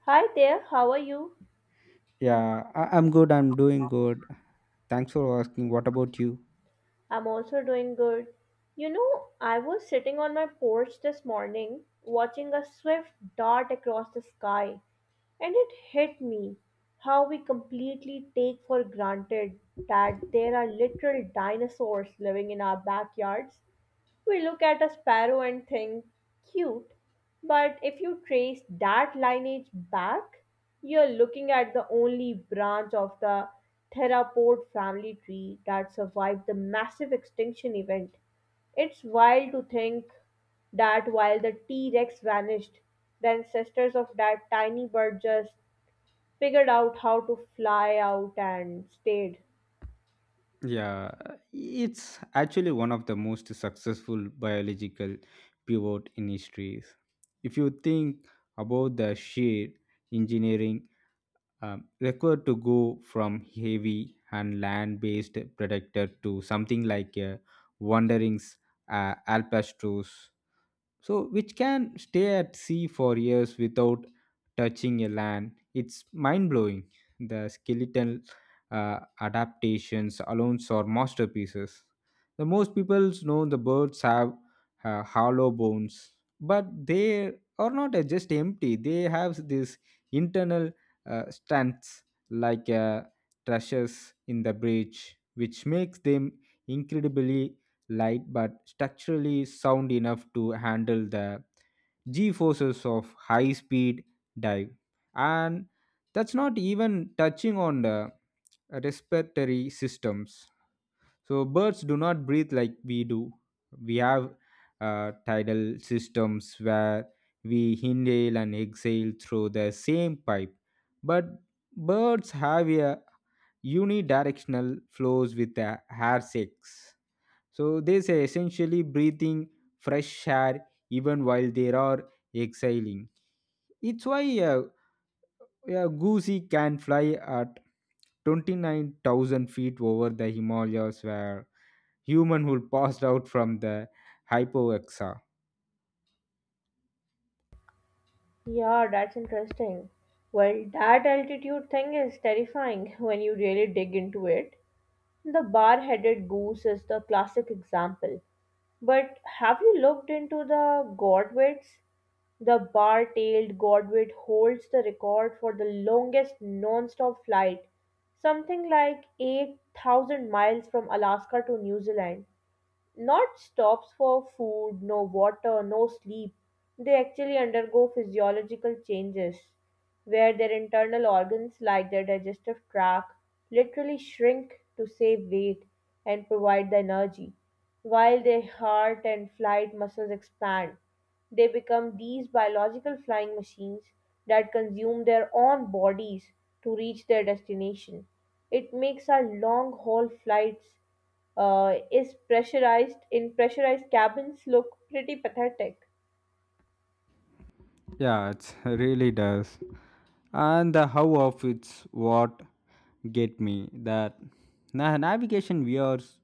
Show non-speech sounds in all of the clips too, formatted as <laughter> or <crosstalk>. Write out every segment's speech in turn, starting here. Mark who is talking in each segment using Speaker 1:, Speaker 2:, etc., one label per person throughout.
Speaker 1: Hi there, how are you?
Speaker 2: Yeah, I'm good. I'm doing good. Thanks for asking. What about you?
Speaker 1: I'm also doing good. You know, I was sitting on my porch this morning watching a swift dart across the sky, and it hit me how we completely take for granted that there are literal dinosaurs living in our backyards. We look at a sparrow and think, cute, but if you trace that lineage back, you're looking at the only branch of the theropod family tree that survived the massive extinction event. It's wild to think that while the T Rex vanished, the ancestors of that tiny bird just figured out how to fly out and stayed.
Speaker 2: Yeah, it's actually one of the most successful biological pivot in history. If you think about the sheer engineering required to go from heavy and land-based predator to something like a wandering alpastros so which can stay at sea for years without touching a land. It's mind blowing. The skeletal adaptations alone are masterpieces. The most people know the birds have hollow bones, but they are not just empty. They have this internal stance like trushes in the bridge, which makes them incredibly light but structurally sound enough to handle the g forces of high speed dive. And that's not even touching on the respiratory systems. So birds do not breathe like we do. We have tidal systems where we inhale and exhale through the same pipe, but birds have a unidirectional flows with the hair sacs, so they say essentially breathing fresh air even while they are exhaling. It's why a goosey can fly at 29,000 feet over the Himalayas where human would pass <laughs> out from the hypoxia.
Speaker 1: Yeah, that's interesting. Well, that altitude thing is terrifying <laughs> when you really dig into it. The bar headed goose is the classic example. But have you looked into the godwits? The bar tailed godwit holds the record for the longest non stop flight, something like 8,000 miles from Alaska to New Zealand. Not stops for food, no water, no sleep. They actually undergo physiological changes where their internal organs, like their digestive tract, literally shrink to save weight and provide the energy, while their heart and flight muscles expand. They become these biological flying machines that consume their own bodies to reach their destination. It makes our long haul flights is pressurized in pressurized cabins look pretty pathetic.
Speaker 2: Yeah, it really does. And the how of it's what get me that navigation we are s-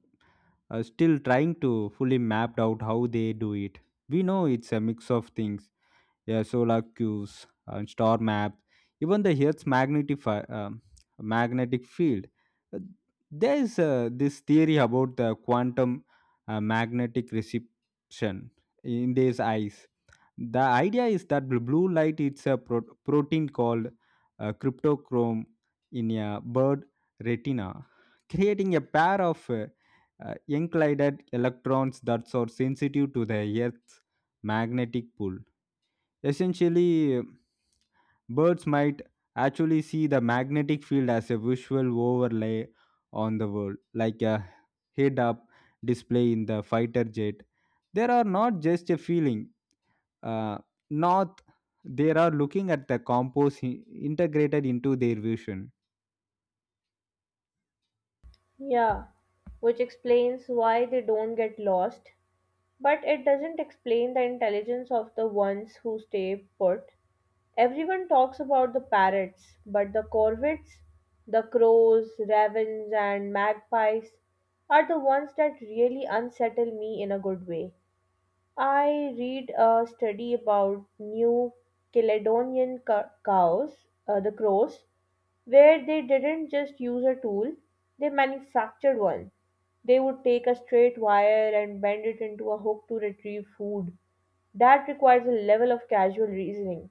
Speaker 2: uh, still trying to fully map out how they do it. We know it's a mix of things, yeah, solar cues, star map, even the Earth's magnetic magnetic field. Uh, There is this theory about the quantum magnetic reception in these eyes. The idea is that the blue light is a protein called cryptochrome in a bird retina, creating a pair of uh, enclided electrons that are sensitive to the Earth's magnetic pull. Essentially, birds might actually see the magnetic field as a visual overlay on the world, like a head up display in the fighter jet. There are not just a feeling, uh, not they are looking at the integrated into their vision.
Speaker 1: Yeah, which explains why they don't get lost, but it doesn't explain the intelligence of the ones who stay put. Everyone talks about the parrots, but the corvids, the crows, ravens, and magpies are the ones that really unsettle me in a good way. I read a study about New Caledonian cows, the crows, where they didn't just use a tool, they manufactured one. They would take a straight wire and bend it into a hook to retrieve food. That requires a level of casual reasoning,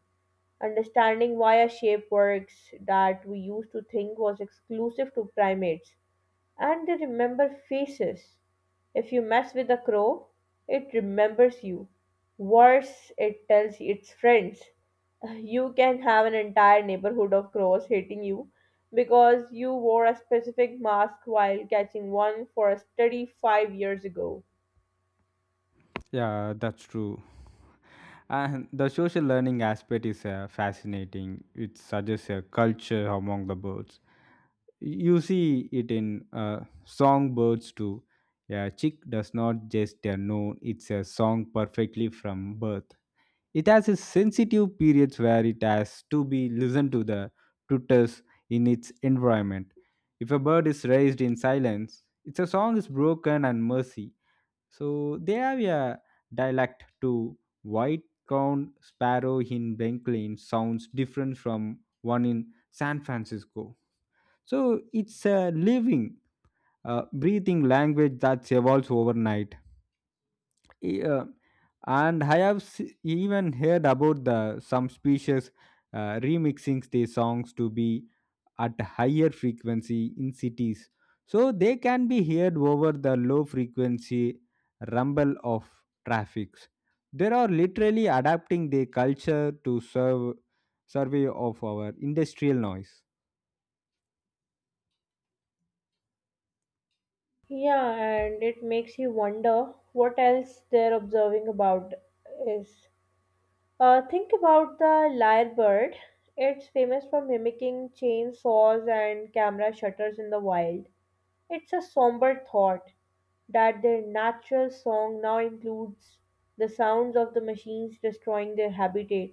Speaker 1: understanding why a shape works that we used to think was exclusive to primates. And they remember faces. If you mess with a crow, it remembers you. Worse, it tells its friends. <laughs> You can have an entire neighborhood of crows hating you because you wore a specific mask while catching one for a study 5 years ago.
Speaker 2: Yeah, that's true. And the social learning aspect is fascinating. It suggests a culture among the birds. You see it in songbirds too. A chick does not just a known it's a song perfectly from birth. It has a sensitive periods where it has to be listened to the tutors in its environment. If a bird is raised in silence, its a song is broken and mercy. So they have a dialect to white crowned sparrow in Benklin sounds different from one in san francisco. So it's a living, breathing language that evolves overnight. E- uh, and I have even heard about the some species remixing their songs to be at higher frequency in cities, so they can be heard over the low frequency rumble of traffics. They are literally adapting their culture to serve survey of our industrial noise.
Speaker 1: Yeah, and it makes you wonder what else they're observing about is. Think about the lyrebird. It's famous for mimicking chainsaws and camera shutters in the wild. It's a somber thought that their natural song now includes the sounds of the machines destroying their habitat.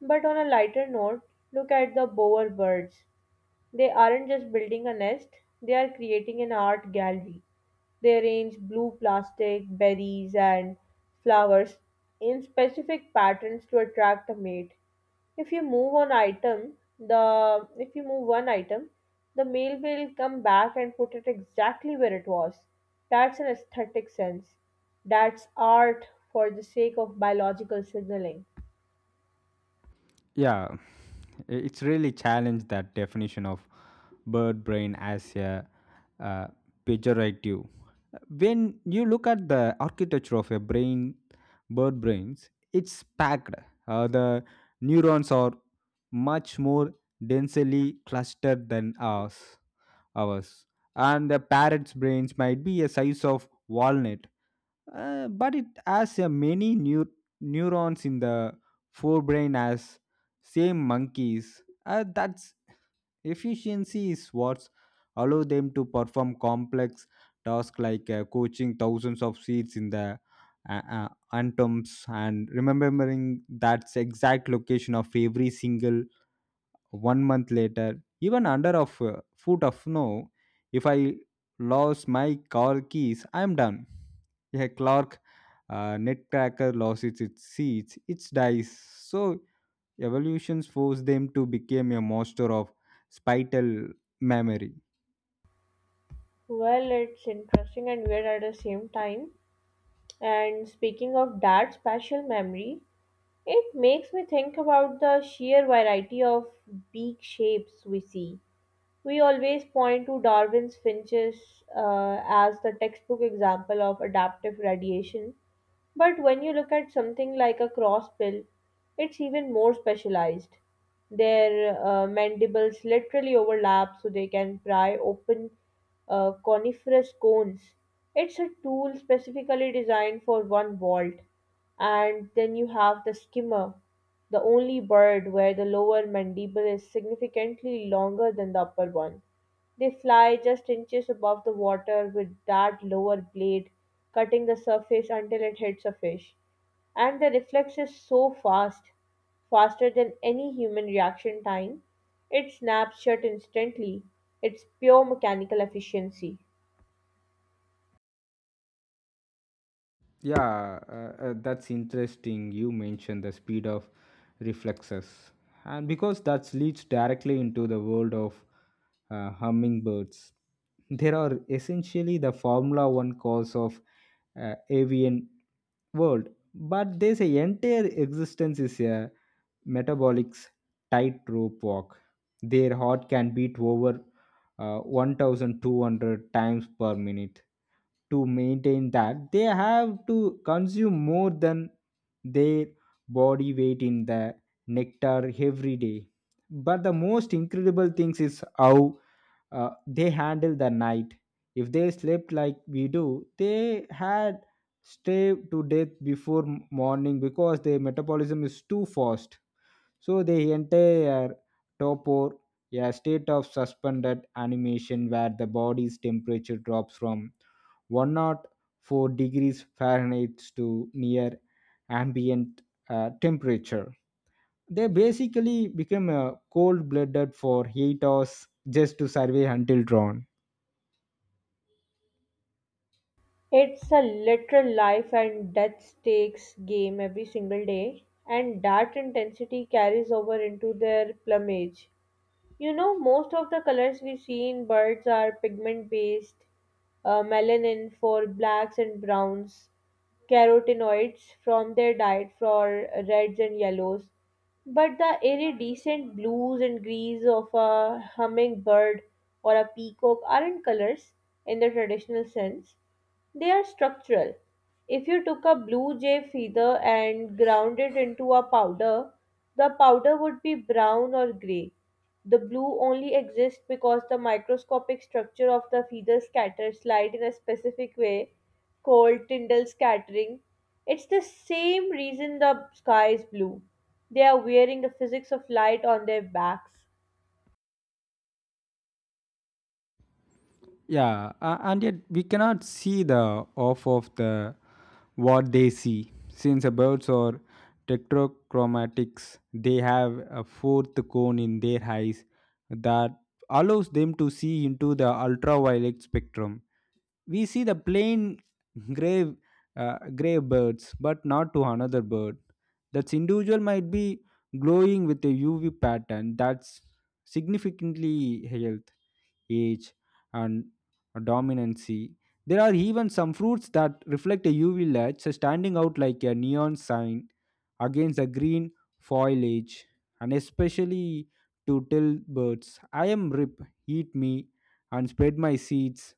Speaker 1: But on a lighter note, look at the bower birds. They aren't just building a nest, they are creating an art gallery. They arrange blue plastic, berries, and flowers in specific patterns to attract a mate. If you move one item, the If you move one item, the male will come back and put it exactly where it was. That's an aesthetic sense. That's art for the sake of biological signaling.
Speaker 2: Yeah, it's really challenged that definition of bird brain as a uh, pejorative. When you look at the architecture of a brain, bird brains, it's packed. The neurons are much more densely clustered than ours. Ours, and the parrot's brains might be a size of walnut, but it has a many neurons in the forebrain as same monkeys. That's efficiency is what allow them to perform complex tasks like coaching thousands of seeds in the uh, uh, atoms and remembering that's exact location of every single 1 month later, even under a foot of snow. If I lost my car keys, I'm done. A clock netcracker loses its seeds its dies, so evolutions force them to become a monster of spital memory.
Speaker 1: Well, it's interesting and weird at the same time. And speaking of that spatial memory, it makes me think about the sheer variety of beak shapes we see. We always point to Darwin's finches as the textbook example of adaptive radiation, but when you look at something like a cross bill, it's even more specialized. Their mandibles literally overlap so they can pry open coniferous cones. It's a tool specifically designed for one vault, and then you have the skimmer, the only bird where the lower mandible is significantly longer than the upper one. They fly just inches above the water with that lower blade cutting the surface until it hits a fish. And the reflex is so fast, faster than any human reaction time, it snaps shut instantly. It's pure mechanical efficiency.
Speaker 2: Yeah, that's interesting. You mentioned the speed of reflexes, and because that leads directly into the world of hummingbirds, there are essentially the Formula One cause of avian world, but there's entire existence is a metabolics tightrope walk. Their heart can beat over 1,200 times per minute. To maintain that, they have to consume more than their body weight in the nectar every day. But the most incredible things is how they handle the night. If they slept like we do, they had starved to death before morning, because their metabolism is too fast. So the entire topor, a state of suspended animation where the body's temperature drops from 104 degrees Fahrenheit to near ambient temperature. They basically become cold blooded for 8 hours just to survive until dawn.
Speaker 1: It's a literal life and death stakes game every single day, and that intensity carries over into their plumage. You know, most of the colors we see in birds are pigment based, melanin for blacks and browns, carotenoids from their diet for reds and yellows. But the iridescent blues and greens of a hummingbird or a peacock aren't colors in the traditional sense. They are structural. If you took a blue jay feather and ground it into a powder, the powder would be brown or gray. The blue only exists because the microscopic structure of the feather scatters light in a specific way called Tyndall scattering. It's the same reason the sky is blue. They are wearing the physics of light on their backs.
Speaker 2: Yeah, and yet we cannot see the off of the what they see, since the birds are tetrachromatics. They have a fourth cone in their eyes that allows them to see into the ultraviolet spectrum. We see the plain grave gray birds, but not to another bird. That's individual might be glowing with a uv pattern that's significantly health, age, and dominancy. There are even some fruits that reflect a uv light, so standing out like a neon sign against the green foliage, and especially to tell birds I am rip, eat me and spread my seeds.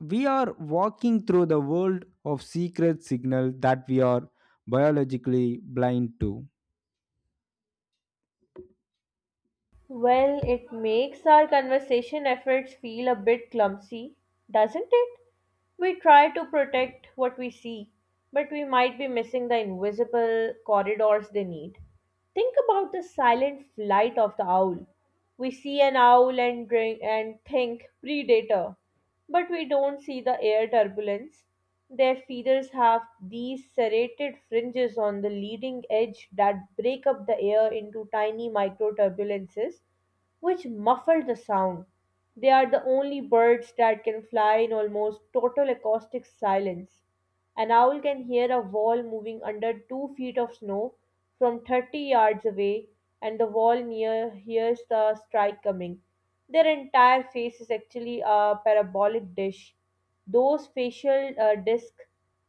Speaker 2: We are walking through the world of secret signal that we are biologically blind to.
Speaker 1: Well, it makes our conversation efforts feel a bit clumsy, doesn't it? We try to protect what we see, but we might be missing the invisible corridors they need. Think about the silent flight of the owl. We see an owl and drink and think predator, but we don't see the air turbulence. Their feathers have these serrated fringes on the leading edge that break up the air into tiny micro turbulences, which muffle the sound. They are the only birds that can fly in almost total acoustic silence. An owl can hear a wall moving under 2 feet of snow from 30 yards away, and the wall near hears the strike coming. Their entire face is actually a parabolic dish. Those facial discs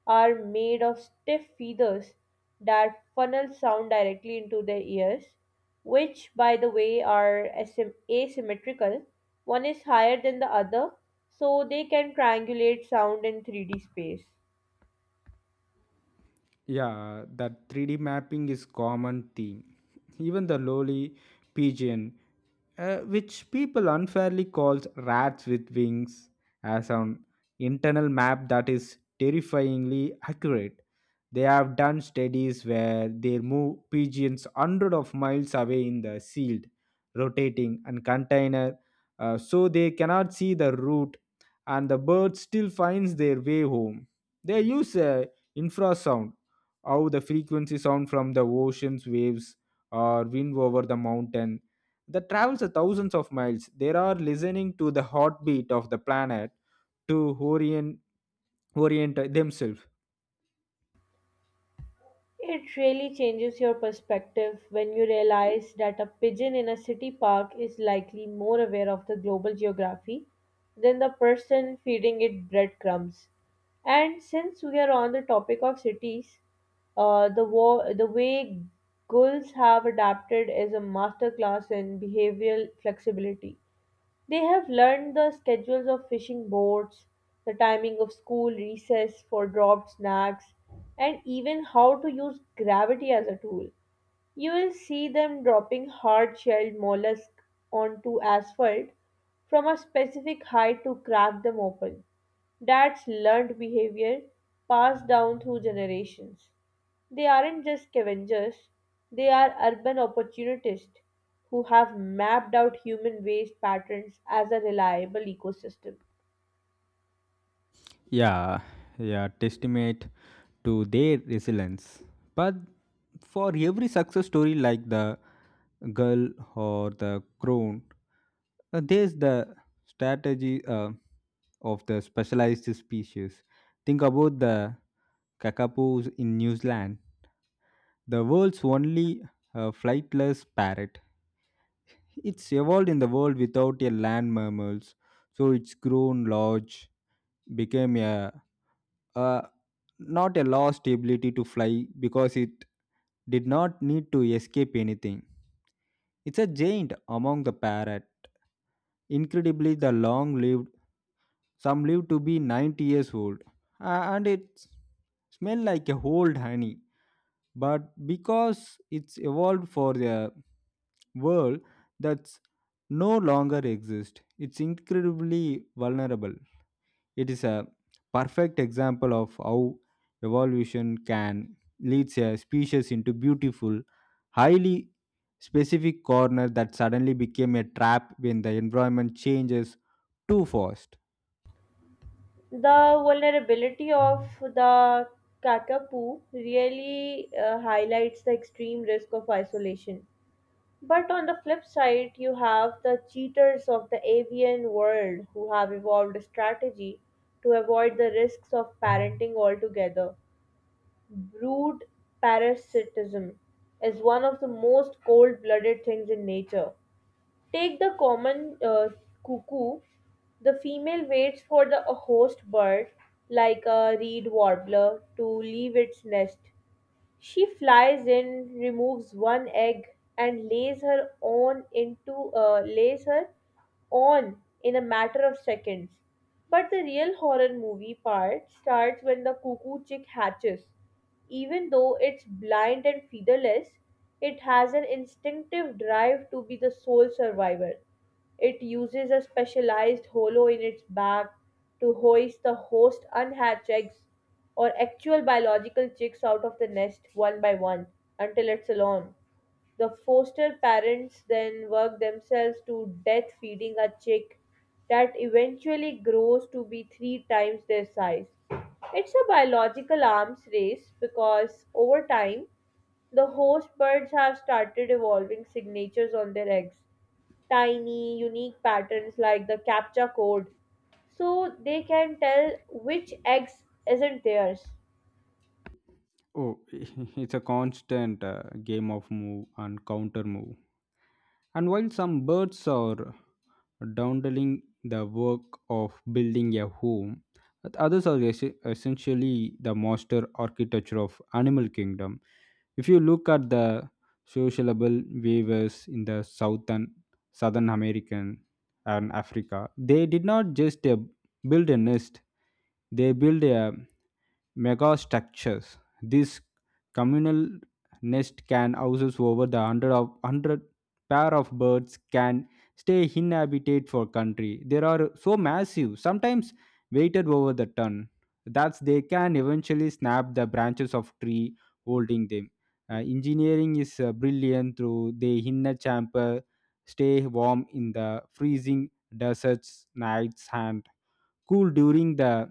Speaker 1: are made of stiff feathers that funnel sound directly into their ears, which, by the way, are asymmetrical. One is higher than the other, so they can triangulate sound in 3D space.
Speaker 2: Yeah, that 3D mapping is common theme. Even the lowly pigeon, which people unfairly calls rats with wings, has an internal map that is terrifyingly accurate. They have done studies where they move pigeons hundreds of miles away in the sealed, rotating and container, so they cannot see the route, and the bird still finds their way home. They use a infrasound, how the frequency sound from the ocean's waves or wind over the mountain that travels a thousands of miles. They are listening to the heartbeat of the planet to orient themselves.
Speaker 1: It really changes your perspective when you realize that a pigeon in a city park is likely more aware of the global geography than the person feeding it breadcrumbs. And since we are on the topic of cities, the way gulls have adapted is a masterclass in behavioral flexibility. They have learned the schedules of fishing boats, the timing of school recess for dropped snacks, and even how to use gravity as a tool. You will see them dropping hard shelled mollusk onto asphalt from a specific height to crack them open. That's learned behavior passed down through generations. They aren't just scavengers, they are urban opportunists who have mapped out human waste patterns as a reliable ecosystem.
Speaker 2: Yeah, yeah, testament to their resilience. But for every success story like the girl or the crone, there's the strategy of the specialized species. Think about the kakapus in new zealand, the world's only flightless parrot. It's evolved in the world without a land mammal, so it's grown large, became a not a lost ability to fly, because it did not need to escape anything. It's a giant among the parrot, incredibly the long lived. Some live to be 90 years old, and it smell like a old honey. But because it's evolved for the world that's no longer exists, it's incredibly vulnerable. It is a perfect example of how evolution can leads a species into beautiful, highly specific corner that suddenly became a trap when the environment changes too fast.
Speaker 1: The vulnerability of the kakapo really highlights the extreme risk of isolation. But on the flip side, you have the cheaters of the avian world who have evolved a strategy to avoid the risks of parenting altogether. Brood parasitism is one of the most cold blooded things in nature. Take the common cuckoo. The female waits for the a host bird, like a reed warbler, to leave its nest. She flies in, removes one egg, and lays her own into lays her on in a matter of seconds. But the real horror movie part starts when the cuckoo chick hatches. Even though it's blind and featherless, it has an instinctive drive to be the sole survivor. It uses a specialized hollow in its back to hoist the host unhatched eggs or actual biological chicks out of the nest one by one until it's alone. The foster parents then work themselves to death feeding a chick that eventually grows to be three times their size. It's a biological arms race because over time the host birds have started evolving signatures on their eggs, tiny, unique patterns like the CAPTCHA code, so they can tell which eggs isn't theirs.
Speaker 2: Oh, <laughs> it's a constant game of move and counter move. And while some birds are doundling the work of building a home, but others are essentially the master architecture of animal kingdom. If you look at the sociable weavers in the southern American and Africa, they did not just build a nest; they build a megastructures. These communal nest can houses over the hundred pair of birds can stay inhabited for country. They are so massive, sometimes weighted over the ton, that they can eventually snap the branches of tree holding them. Engineering is brilliant through the inner chamber, stay warm in the freezing deserts nights and cool during the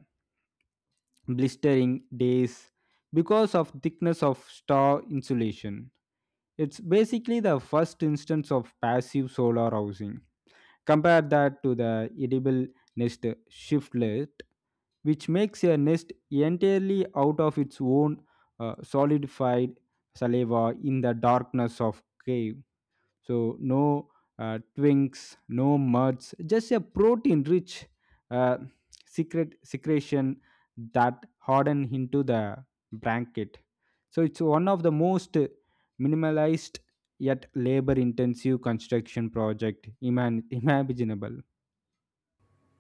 Speaker 2: blistering days because of thickness of star insulation. It's basically the first instance of passive solar housing. Compare that to the edible nest shiftlet, which makes a nest entirely out of its own solidified saliva in the darkness of cave. So no twinks, no muds, just a protein-rich uh, secretion that harden into the blanket. So it's one of the most minimalized yet labor-intensive construction project <laughs> imaginable.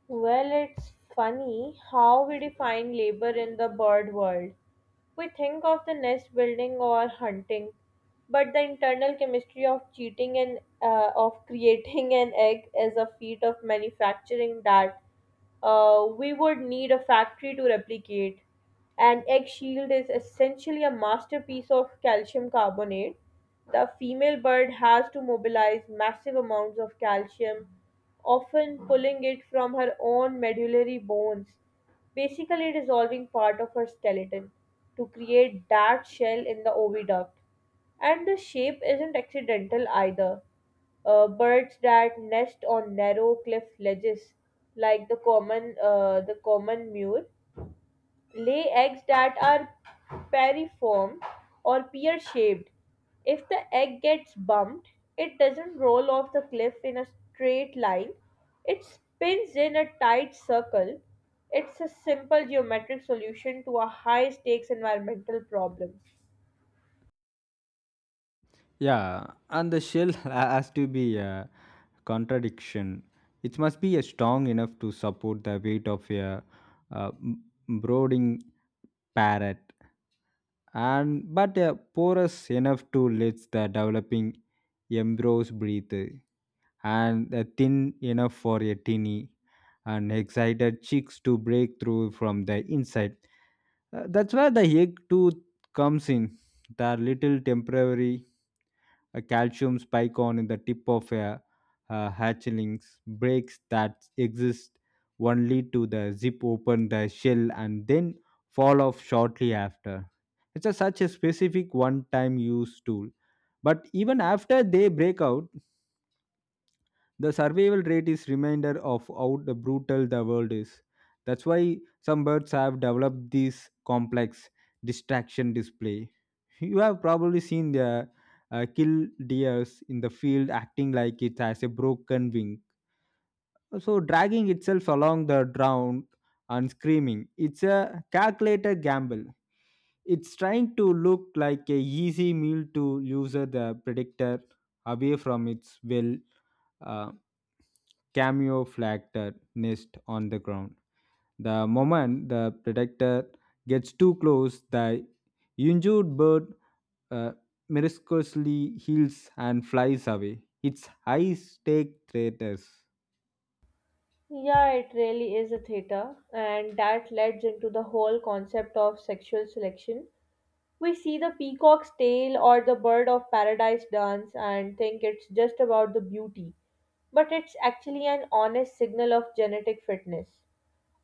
Speaker 1: Well, it's funny how we define labor in the bird world. We think of the nest building or hunting, but the internal chemistry of cheating and of <laughs> creating an egg is a feat of manufacturing that we would need a factory to replicate. An egg shield is essentially a masterpiece of calcium carbonate. The female bird has to mobilize massive amounts of calcium, often pulling it from her own medullary bones, basically dissolving part of her skeleton, to create that shell in the oviduct. And the shape isn't accidental either. Birds that nest on narrow cliff ledges, like the common mule, lay eggs that are piriform or pear shaped. If the egg gets bumped, it doesn't roll off the cliff in a straight line, it spins in a tight circle. It's a simple geometric solution to a high stakes environmental problem.
Speaker 2: Yeah, and the shell <laughs> has to be a contradiction. It must be a strong enough to support the weight of a, uh m- brooding parrot, and but a porous enough to let the developing embryos breathe, and a thin enough for a tinny and excited chicks to break through from the inside. That's where the egg tooth comes in. The little temporary a calcium spike on in the tip of a hatchlings breaks that exist only to the zip open the shell and then fall off shortly after. It's such a specific one-time use tool. But even after they break out, the survival rate is reminder of how the brutal the world is. That's why some birds have developed these complex distraction display. You have probably seen the kill deers in the field acting like it has a broken wing, so dragging itself along the ground and screaming. It's a calculated gamble. It's trying to look like a easy meal to user the predictor away from its well uh, camouflaged nest on the ground. The moment the predator gets too close, the injured bird uh, miraculously heals and flies away. Its high stake threat.
Speaker 1: Yeah, it really is a theta, and that leads into the whole concept of sexual selection. We see the peacock's tail or the bird of paradise dance and think it's just about the beauty, but it's actually an honest signal of genetic fitness.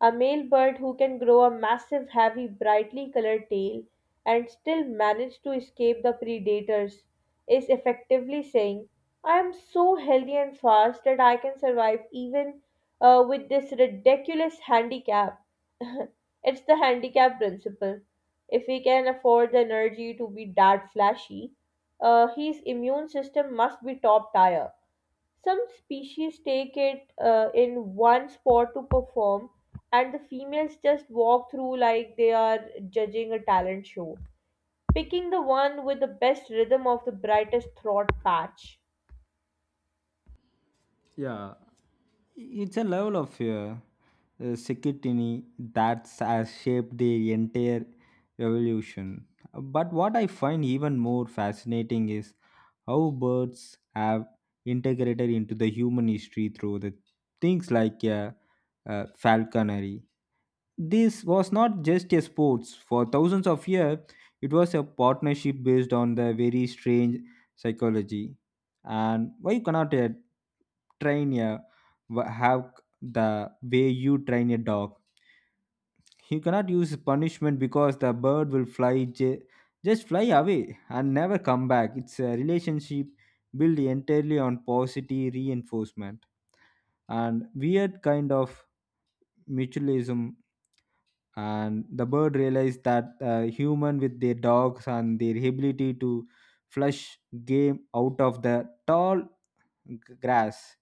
Speaker 1: A male bird who can grow a massive, heavy, brightly colored tail and still manage to escape the predators is effectively saying, I am so healthy and fast that I can survive even with this ridiculous handicap. <laughs> It's the handicap principle. If he can afford the energy to be that flashy, his immune system must be top tier. Some species take it in one spot to perform, and the females just walk through like they are judging a talent show, picking the one with the best rhythm of the brightest throat patch.
Speaker 2: Yeah, it's a level of security that has shaped the entire evolution. But what I find even more fascinating is how birds have integrated into the human history through the things like falconry. This was not just a sports. For thousands of years, it was a partnership based on the very strange psychology. And why you cannot train a have the way you train a dog? You cannot use punishment, because the bird will fly just fly away and never come back. It's a relationship built entirely on positive reinforcement and weird kind of mutualism. And the bird realized that human with their dogs and their ability to flush game out of the tall grass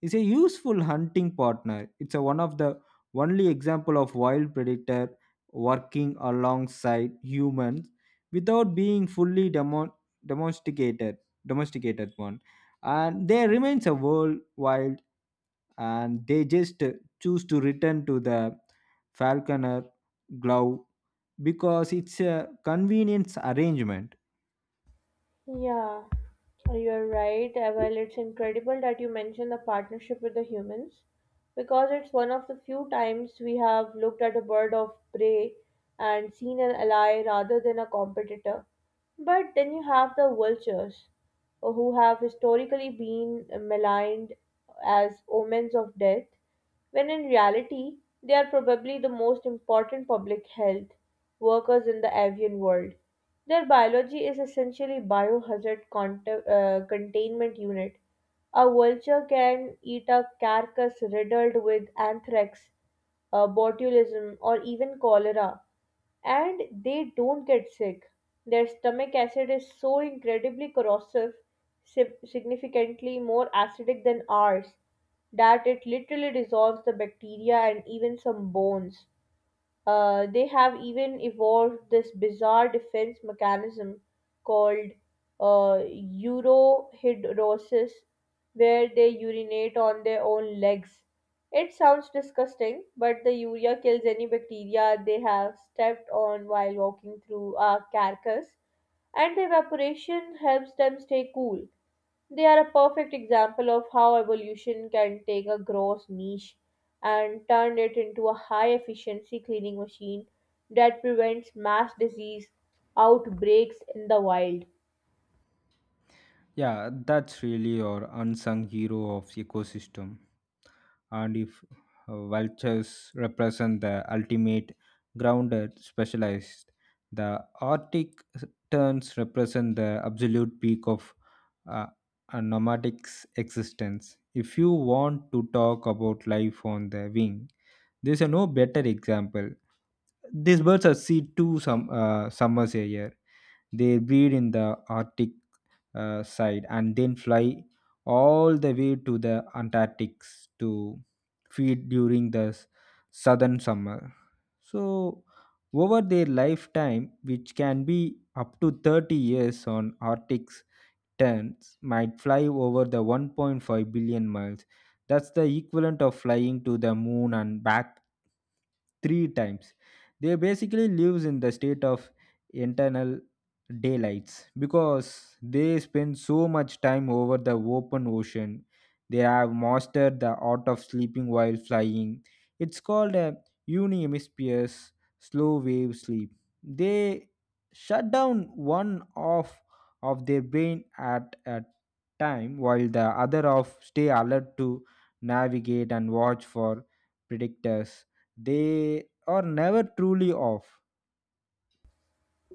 Speaker 2: is a useful hunting partner. It's a one of the only example of wild predator working alongside humans without being fully domesticated domesticated one. And there remains a worldwide, and they just choose to return to the falconer glove, because it's a convenience arrangement.
Speaker 1: Yeah, you're right. Well, it's incredible that you mentioned the partnership with the humans because it's one of the few times we have looked at a bird of prey and seen an ally rather than a competitor. But then you have the vultures, who have historically been maligned as omens of death, when in reality, they are probably the most important public health workers in the avian world. Their biology is essentially biohazard containment unit. A vulture can eat a carcass riddled with anthrax, botulism, or even cholera, and they don't get sick. Their stomach acid is so incredibly corrosive, significantly more acidic than ours, that it literally dissolves the bacteria and even some bones. They have even evolved this bizarre defense mechanism called uh, urohydrosis, where they urinate on their own legs. It sounds disgusting, but the urea kills any bacteria they have stepped on while walking through a carcass, and the evaporation helps them stay cool. They are a perfect example of how evolution can take a gross niche and turn it into a high efficiency cleaning machine that prevents mass disease outbreaks in the wild.
Speaker 2: Yeah, that's really our unsung hero of ecosystem. And if vultures represent the ultimate grounded specialized, the Arctic terns represent the absolute peak of uh, a nomadic's existence. If you want to talk about life on the wing, there's a no better example. These birds are see two some summers a year. They breed in the Arctic side and then fly all the way to the Antarctic to feed during the southern summer. So over their lifetime, which can be up to 30 years on Arctic turns, might fly over the 1.5 billion miles. That's the equivalent of flying to the moon and back three times. They basically lives in the state of internal daylights because they spend so much time over the open ocean. They have mastered the art of sleeping while flying. It's called a unihemisphere slow wave sleep. They shut down one of their brain at a time, while the other of stay alert to navigate and watch for predators. They are never truly off.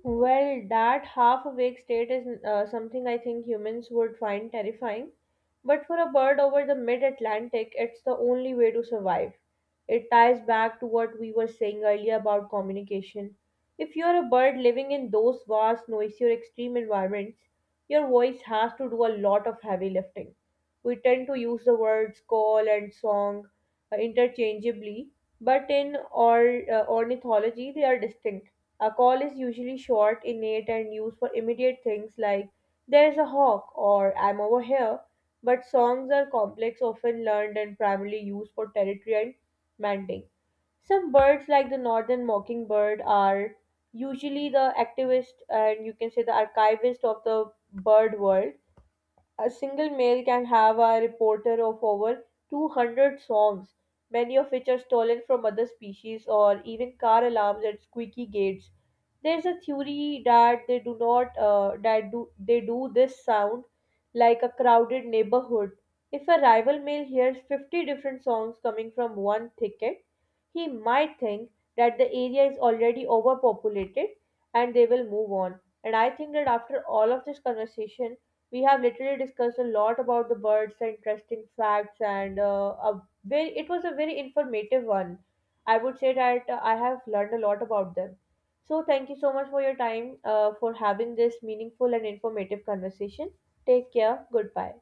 Speaker 1: Well, that half awake state is something I think humans would find terrifying. But for a bird over the mid Atlantic, it's the only way to survive. It ties back to what we were saying earlier about communication. If you're a bird living in those vast, noisy, or extreme environments, your voice has to do a lot of heavy lifting. We tend to use the words call and song interchangeably, but in ornithology, they are distinct. A call is usually short, innate, and used for immediate things like there's a hawk or I'm over here, but songs are complex, often learned, and primarily used for territory and mating. Some birds, like the northern mockingbird, are usually the activist and you can say the archivist of the bird world. A single male can have a repertoire of over 200 songs, many of which are stolen from other species or even car alarms and squeaky gates. There's a theory that they do not that do they do this sound like a crowded neighborhood. If a rival male hears 50 different songs coming from one thicket, he might think that the area is already overpopulated and they will move on. And I think that after all of this conversation, we have literally discussed a lot about the birds, the interesting facts, and it was a very informative one. I would say that I have learned a lot about them. So, thank you so much for your time, for having this meaningful and informative conversation. Take care. Goodbye.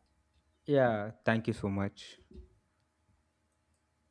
Speaker 2: Yeah, thank you so much.